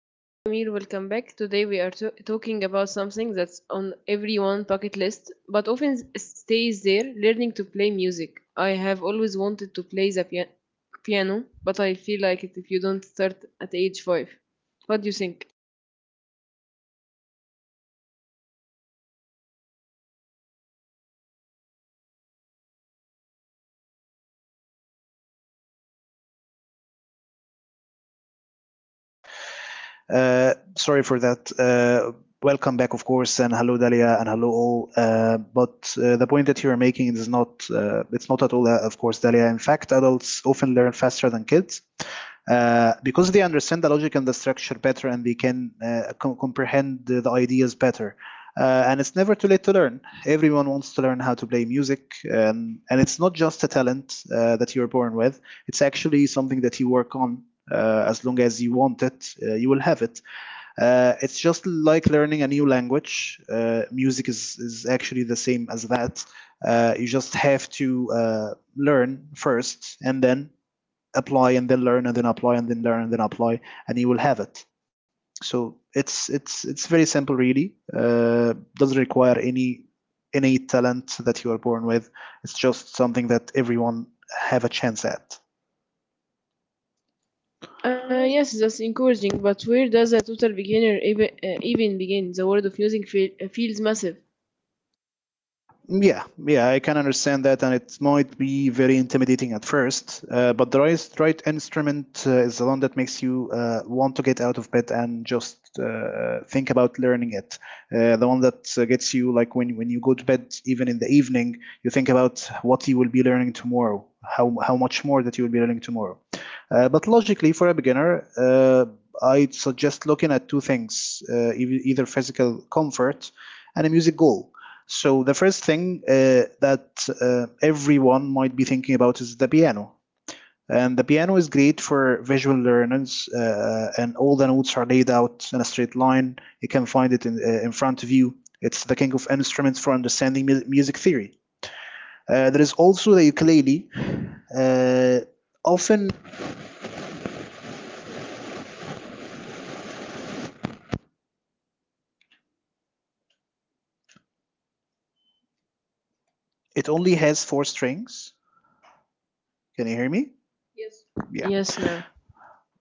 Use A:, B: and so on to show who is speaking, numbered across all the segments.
A: Hello, Amir. Welcome back. Today we are talking about something that's on everyone's bucket list, but often stays there learning to play music. I have always wanted to play the piano, but I feel like it if you don't start at age 5. What do you think?
B: Sorry for that. Welcome back, of course, and hello, Dalia, and hello all. But the point that you are making is not at all, of course, Dalia. In fact, adults often learn faster than kids because they understand the logic and the structure better, and they can comprehend the ideas better. And it's never too late to learn. Everyone wants to learn how to play music, and it's not just a talent that you're born with. It's actually something that you work on. As long as you want it, you will have it. It's just like learning a new language. Music is actually the same as that. You just have to learn first, and then apply, and then learn, and then apply, and then learn, and then apply, and you will have it. So it's very simple really. Doesn't require any innate talent that you are born with. It's just something that everyone have a chance at.
A: Yes, that's encouraging, but where does a total beginner even begin? The world of music feels massive.
B: Yeah, yeah, I can understand that, and it might be very intimidating at first. But the right instrument is the one that makes you want to get out of bed and just think about learning it. The one that gets you, like when you go to bed, even in the evening, you think about what you will be learning tomorrow, how much more that you will be learning tomorrow. But logically, for a beginner, I'd suggest looking at two things: either physical comfort and a music goal. So the first thing that everyone might be thinking about is the piano. And the piano is great for visual learners, and all the notes are laid out in a straight line. You can find it in front of you. It's the king of instruments for understanding music theory. There is also the ukulele. Uh, often it only has four strings. Can you hear me? Yeah.
A: Yes,
B: Yes.
A: now.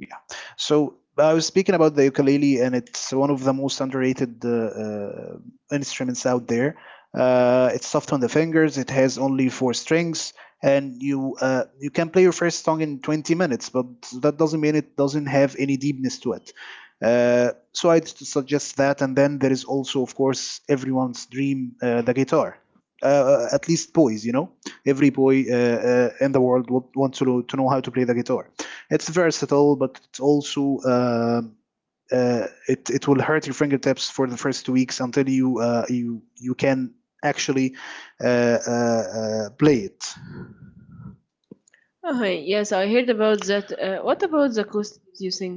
B: Yeah. So I was speaking about the ukulele, and it's one of the most underrated instruments out there. It's soft on the fingers. It has only four strings, and you can play your first song in 20 minutes. But that doesn't mean it doesn't have any deepness to it. So I'd suggest that. And then there is also, of course, everyone's dream, the guitar. At least boys, you know, every boy in the world would want to know how to play the guitar. It's versatile, but it's also it will hurt your fingertips for the first 2 weeks until you can actually uh, uh, play it.
A: Oh, yes, I heard about that. What about the cost, you think?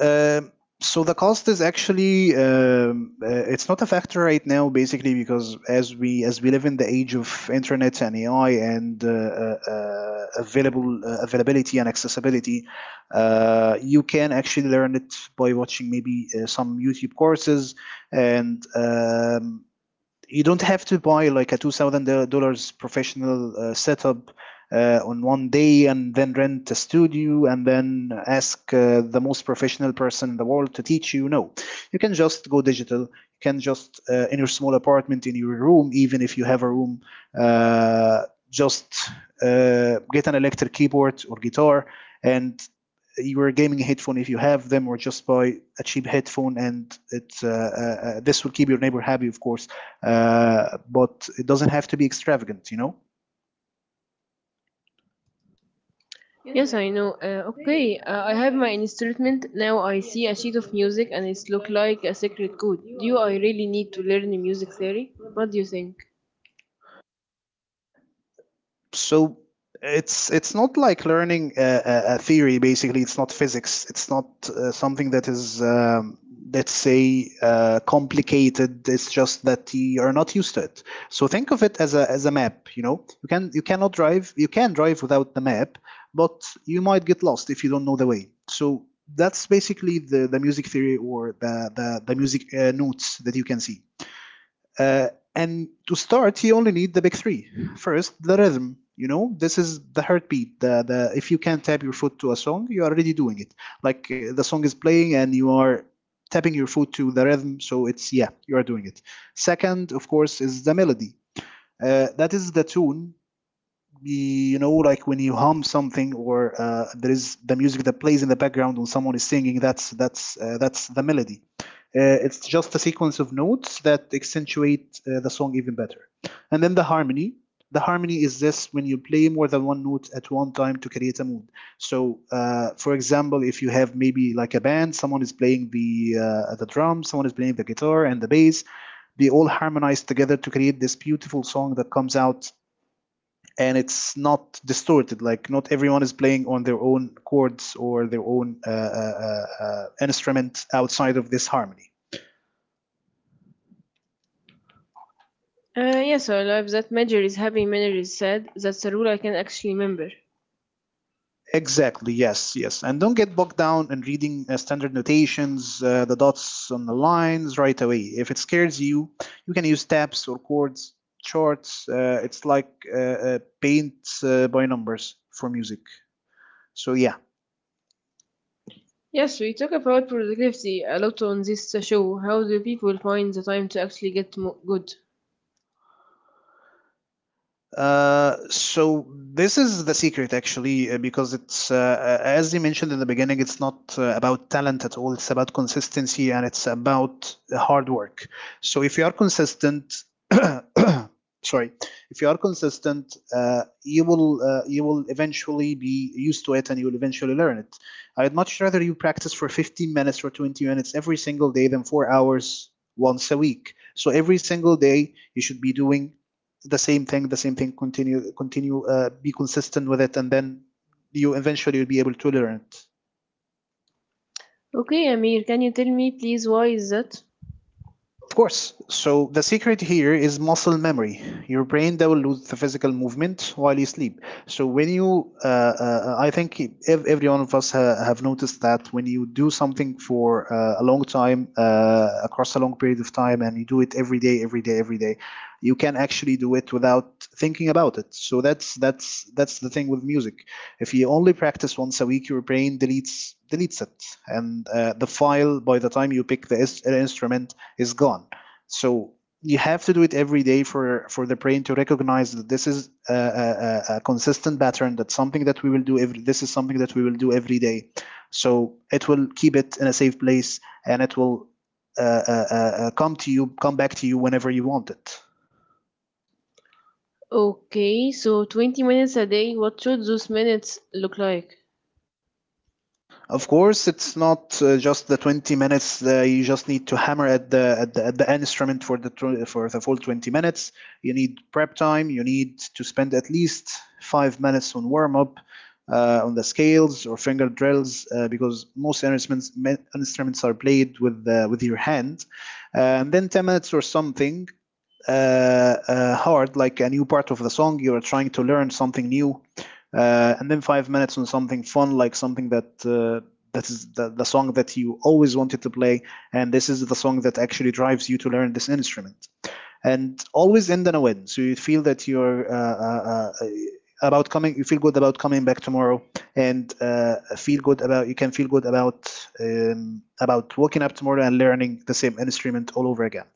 B: Um, so the cost is actually it's not a factor right now, basically, because as we live in the age of internet and AI, and available availability and accessibility, you can actually learn it by watching maybe some YouTube courses, and you don't have to buy like a $2000 professional setup on one day and then rent a studio and then ask the most professional person in the world to teach you. No, you can just go digital. You can just in your small apartment in your room, even if you have a room, uh, just get an electric keyboard or guitar, and your gaming headphone if you have them, or just buy a cheap headphone, and it this will keep your neighbor happy, of course, but it doesn't have to be extravagant, you know.
A: Yes, I know. Okay, I have my instrument now. I see a sheet of music, and it's look like a secret code. Do I really need to learn music theory? What do you think?
B: So it's not like learning theory. Basically, it's not physics. It's not something that is let's say complicated. It's just that you are not used to it. So think of it as a map. You know, you cannot drive. You can drive without the map, but you might get lost if you don't know the way. So that's basically the music theory, or the music notes that you can see. Uh, and to start, you only need the big three. First, the rhythm. You know, this is the heartbeat. The If you can tap your foot to a song, you are already doing it. Like the song is playing and you are tapping your foot to the rhythm, so it's yeah, you are doing it. Second, of course, is the melody. That is the tune, you know, like when you hum something, or there is the music that plays in the background when someone is singing, that's that's the melody. It's just a sequence of notes that accentuate the song even better. And then the harmony. The harmony is this when you play more than one note at one time to create a mood. So, for example, if you have maybe like a band, someone is playing the drums, someone is playing the guitar and the bass, they all harmonize together to create this beautiful song that comes out, and it's not distorted. Like not everyone is playing on their own chords or their own instrument outside of this harmony.
A: Yes, I love that major is happy, minor is sad. That's a rule I can actually remember.
B: Exactly. Yes. Yes. And don't get bogged down in reading standard notations, the dots on the lines right away. If it scares you, you can use tabs or chords charts. It's like paint by numbers for music. So yeah.
A: Yes, we talk about productivity a lot on this show. How do people find the time to actually get good?
B: So this is the secret, actually, because it's as you mentioned in the beginning, it's not about talent at all, it's about consistency and it's about hard work. So if you are consistent, sorry, if you are consistent, you will eventually be used to it, and you will eventually learn it. I'd much rather you practice for 15 minutes or 20 minutes every single day than 4 hours once a week. So every single day you should be doing the same thing, continue, continue, be consistent with it, and then you eventually will be able to learn it.
A: Okay, Amir, can you tell me please why is that?
B: Of course. So the secret here is muscle memory. Your brain downloads the physical movement while you sleep. So when I think every one of us have noticed that when you do something for a long time, across a long period of time, and you do it every day, every day, every day, you can actually do it without thinking about it. So that's the thing with music. If you only practice once a week, your brain deletes it, and the file by the time you pick the instrument is gone. So you have to do it every day for the brain to recognize that this is a consistent pattern. That's something that we will do every. This is something that we will do every day. So it will keep it in a safe place, and it will uh, uh, uh, come to you, come back to you whenever you want it.
A: Okay, so 20 minutes a day. What should those minutes look like?
B: Of course, it's not just the 20 minutes. You just need to hammer at at the instrument for the for the full 20 minutes. You need prep time. You need to spend at least 5 minutes on warm up, on the scales or finger drills, because most instruments are played with your hand. And then 10 minutes or something uh, hard, like a new part of the song. You're trying to learn something new. And then 5 minutes on something fun, like something that that is the song that you always wanted to play, and this is the song that actually drives you to learn this instrument. And always end on a win, so you feel that you feel good about coming back tomorrow, and feel good about you can feel good about waking up tomorrow and learning the same instrument all over again.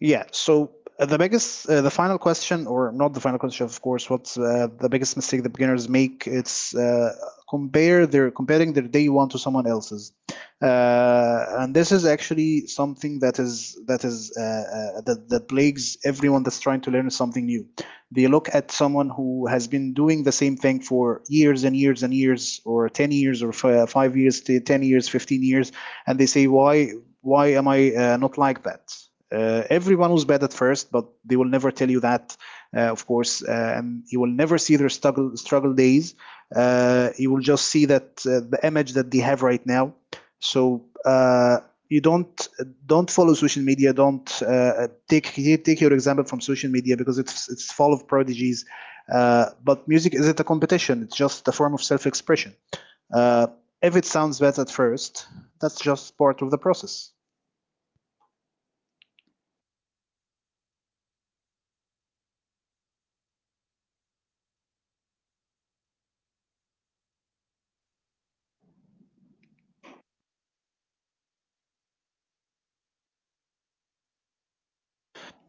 B: Yeah. So the final question, or not the final question, of course. What's the biggest mistake the beginners make? It's compare their comparing their day one to someone else's, and this is actually something that is that plagues everyone that's trying to learn something new. They look at someone who has been doing the same thing for years and years and years, or 10 years, or 5 years, 10 years, 15 years, and they say, why am I not like that? Everyone was bad at first, but they will never tell you that, and you will never see their struggle days. You will just see that the image that they have right now. So you don't follow social media, don't take your example from social media because it's full of prodigies, but music isn't a competition, it's just a form of self-expression. uh, if it sounds bad at first, that's just part of the process.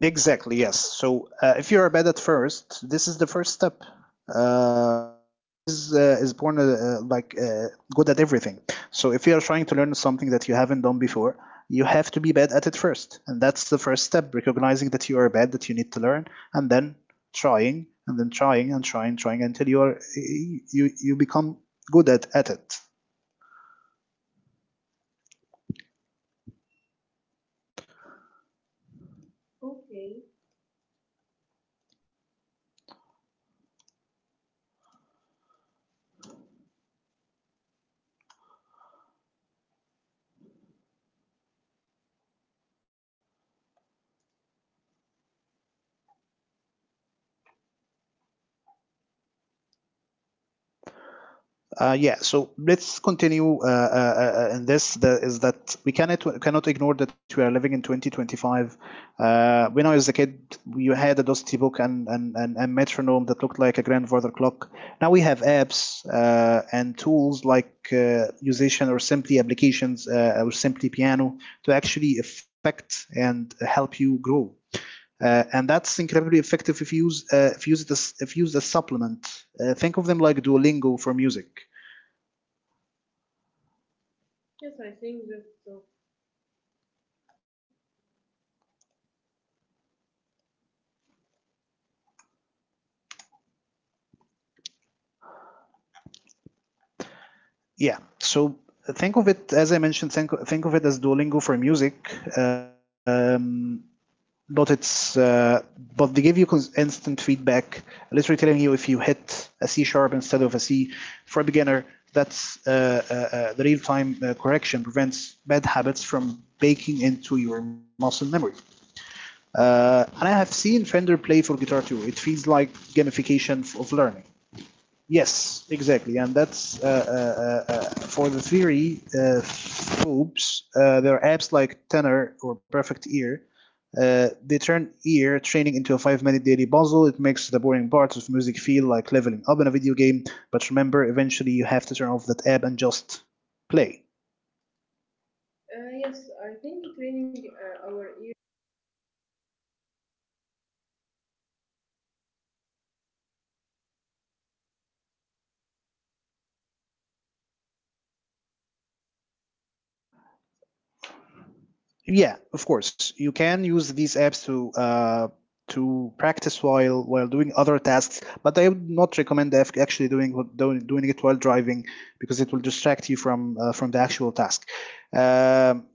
B: Exactly, yes. So if you're a bad at first, this is the first step. No one is born good at everything. So if you are trying to learn something that you haven't done before, you have to be bad at it first, and that's the first step. Recognizing that you are bad, that you need to learn, and then trying, and then trying, and trying, trying until you are you you become good at it. Yeah, so let's continue in this. The, is that we cannot ignore that we are living in 2025. When I was a kid, we had a Dosti book and a metronome that looked like a grandfather clock. Now we have apps and tools like musician or simply applications, or simply piano to actually affect and help you grow. And that's incredibly effective if you use it as if used as supplement. Think of them like Duolingo for music. Yeah, so think of it as I mentioned, think of it as Duolingo for music. But it's but they give you instant feedback, literally telling you if you hit a C sharp instead of a C. For a beginner, that's the real-time correction prevents bad habits from baking into your muscle memory. And I have seen Fender Play for guitar too. It feels like gamification of learning. Yes, exactly, and that's for the theory phobes. There are apps like Tenor or Perfect Ear. They turn ear training into a five-minute daily puzzle. It makes the boring parts of music feel like leveling up in a video game. But remember, eventually you have to turn off that app and just play. Yeah, of course, you can use these apps to practice while doing other tasks, but I would not recommend actually doing doing it while driving, because it will distract you from the actual task. Um,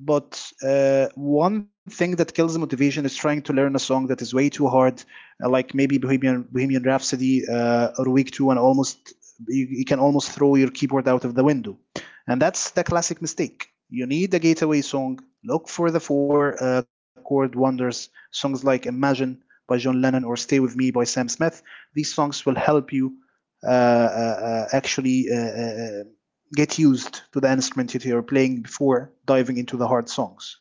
B: but One thing that kills motivation is trying to learn a song that is way too hard, like maybe Bohemian Rhapsody or Week Two, and almost you can almost throw your keyboard out of the window. And that's the classic mistake. You need a gateway song. Look for the four chord wonders. Songs like Imagine by John Lennon or Stay With Me by Sam Smith. These songs will help you actually get used to the instrument that you're playing before diving into the hard songs.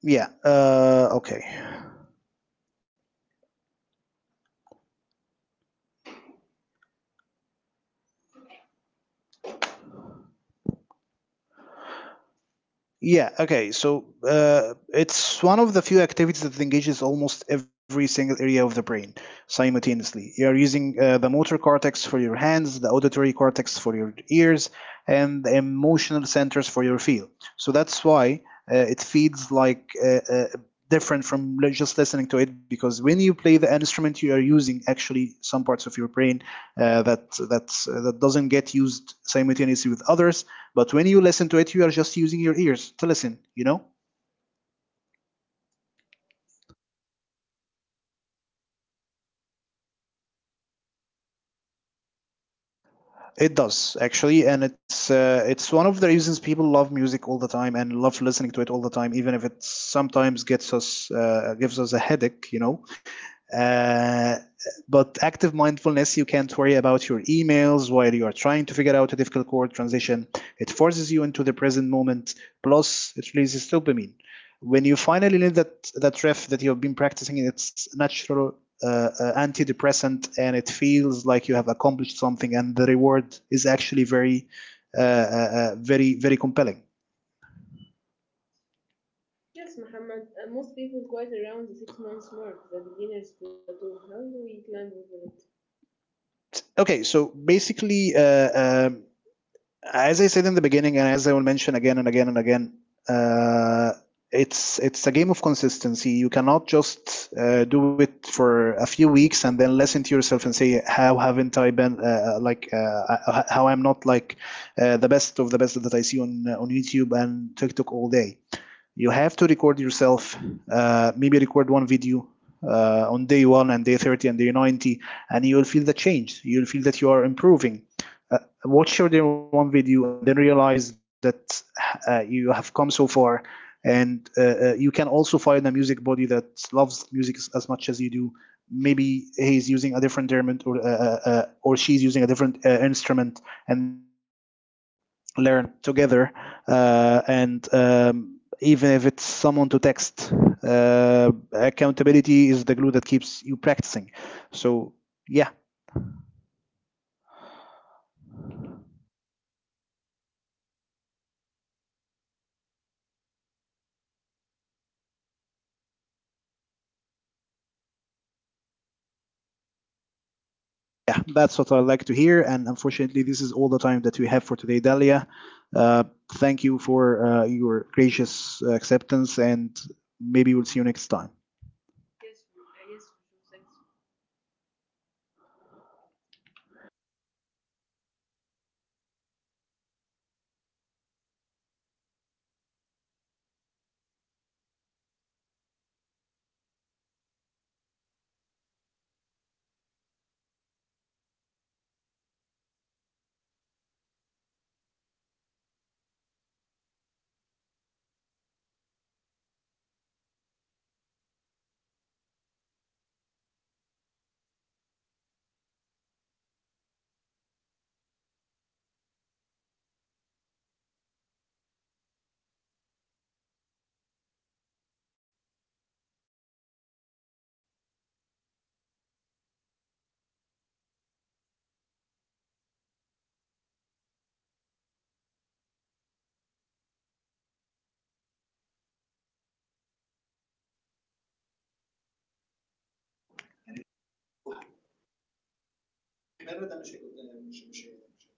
B: Yeah, okay. Yeah, okay. So it's one of the few activities that engages almost every single area of the brain simultaneously. You are using the motor cortex for your hands, the auditory cortex for your ears, and the emotional centers for your feel. So that's why it feels like different from just listening to it, because when you play the instrument, you are using actually some parts of your brain that doesn't get used simultaneously with others. But when you listen to it, you are just using your ears to listen, you know? It does actually, and it's one of the reasons people love music all the time and love listening to it all the time, even if it sometimes gets us gives us a headache, you know. Uh, but active mindfulness, you can't worry about your emails while you are trying to figure out a difficult chord transition. It forces you into the present moment. Plus, it releases dopamine. When you finally leave that riff that you have been practicing, it's natural antidepressant, and it feels like you have accomplished something, and the reward is actually very, very compelling. Okay, so basically, as I said in the beginning, and as I will mention again and again and again, uh, it's a game of consistency. You cannot just do it for a few weeks and then listen to yourself and say, "How haven't I been like? How I'm not like the best of the best that I see on YouTube and TikTok all day." You have to record yourself, maybe record one video on day one and day 30 and day 90, and you will feel the change, you will feel that you are improving. uh, Watch your day one video and then realize that you have come so far. And you can also find a music buddy that loves music as much as you do. Maybe he's using a different instrument, or she's using a different instrument, and you can learn together. And Even if it's someone to text, accountability is the glue that keeps you practicing. So yeah. Yeah, that's what I like to hear, and unfortunately this is all the time that we have for today, Dalia. uh, Thank you for your gracious acceptance, and maybe we'll see you next time.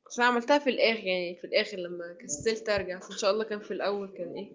A: بس أنا عملتها في الآخر يعني في الآخر لما كسلت أرجع، بس إن شاء الله كان في الأول كان إيه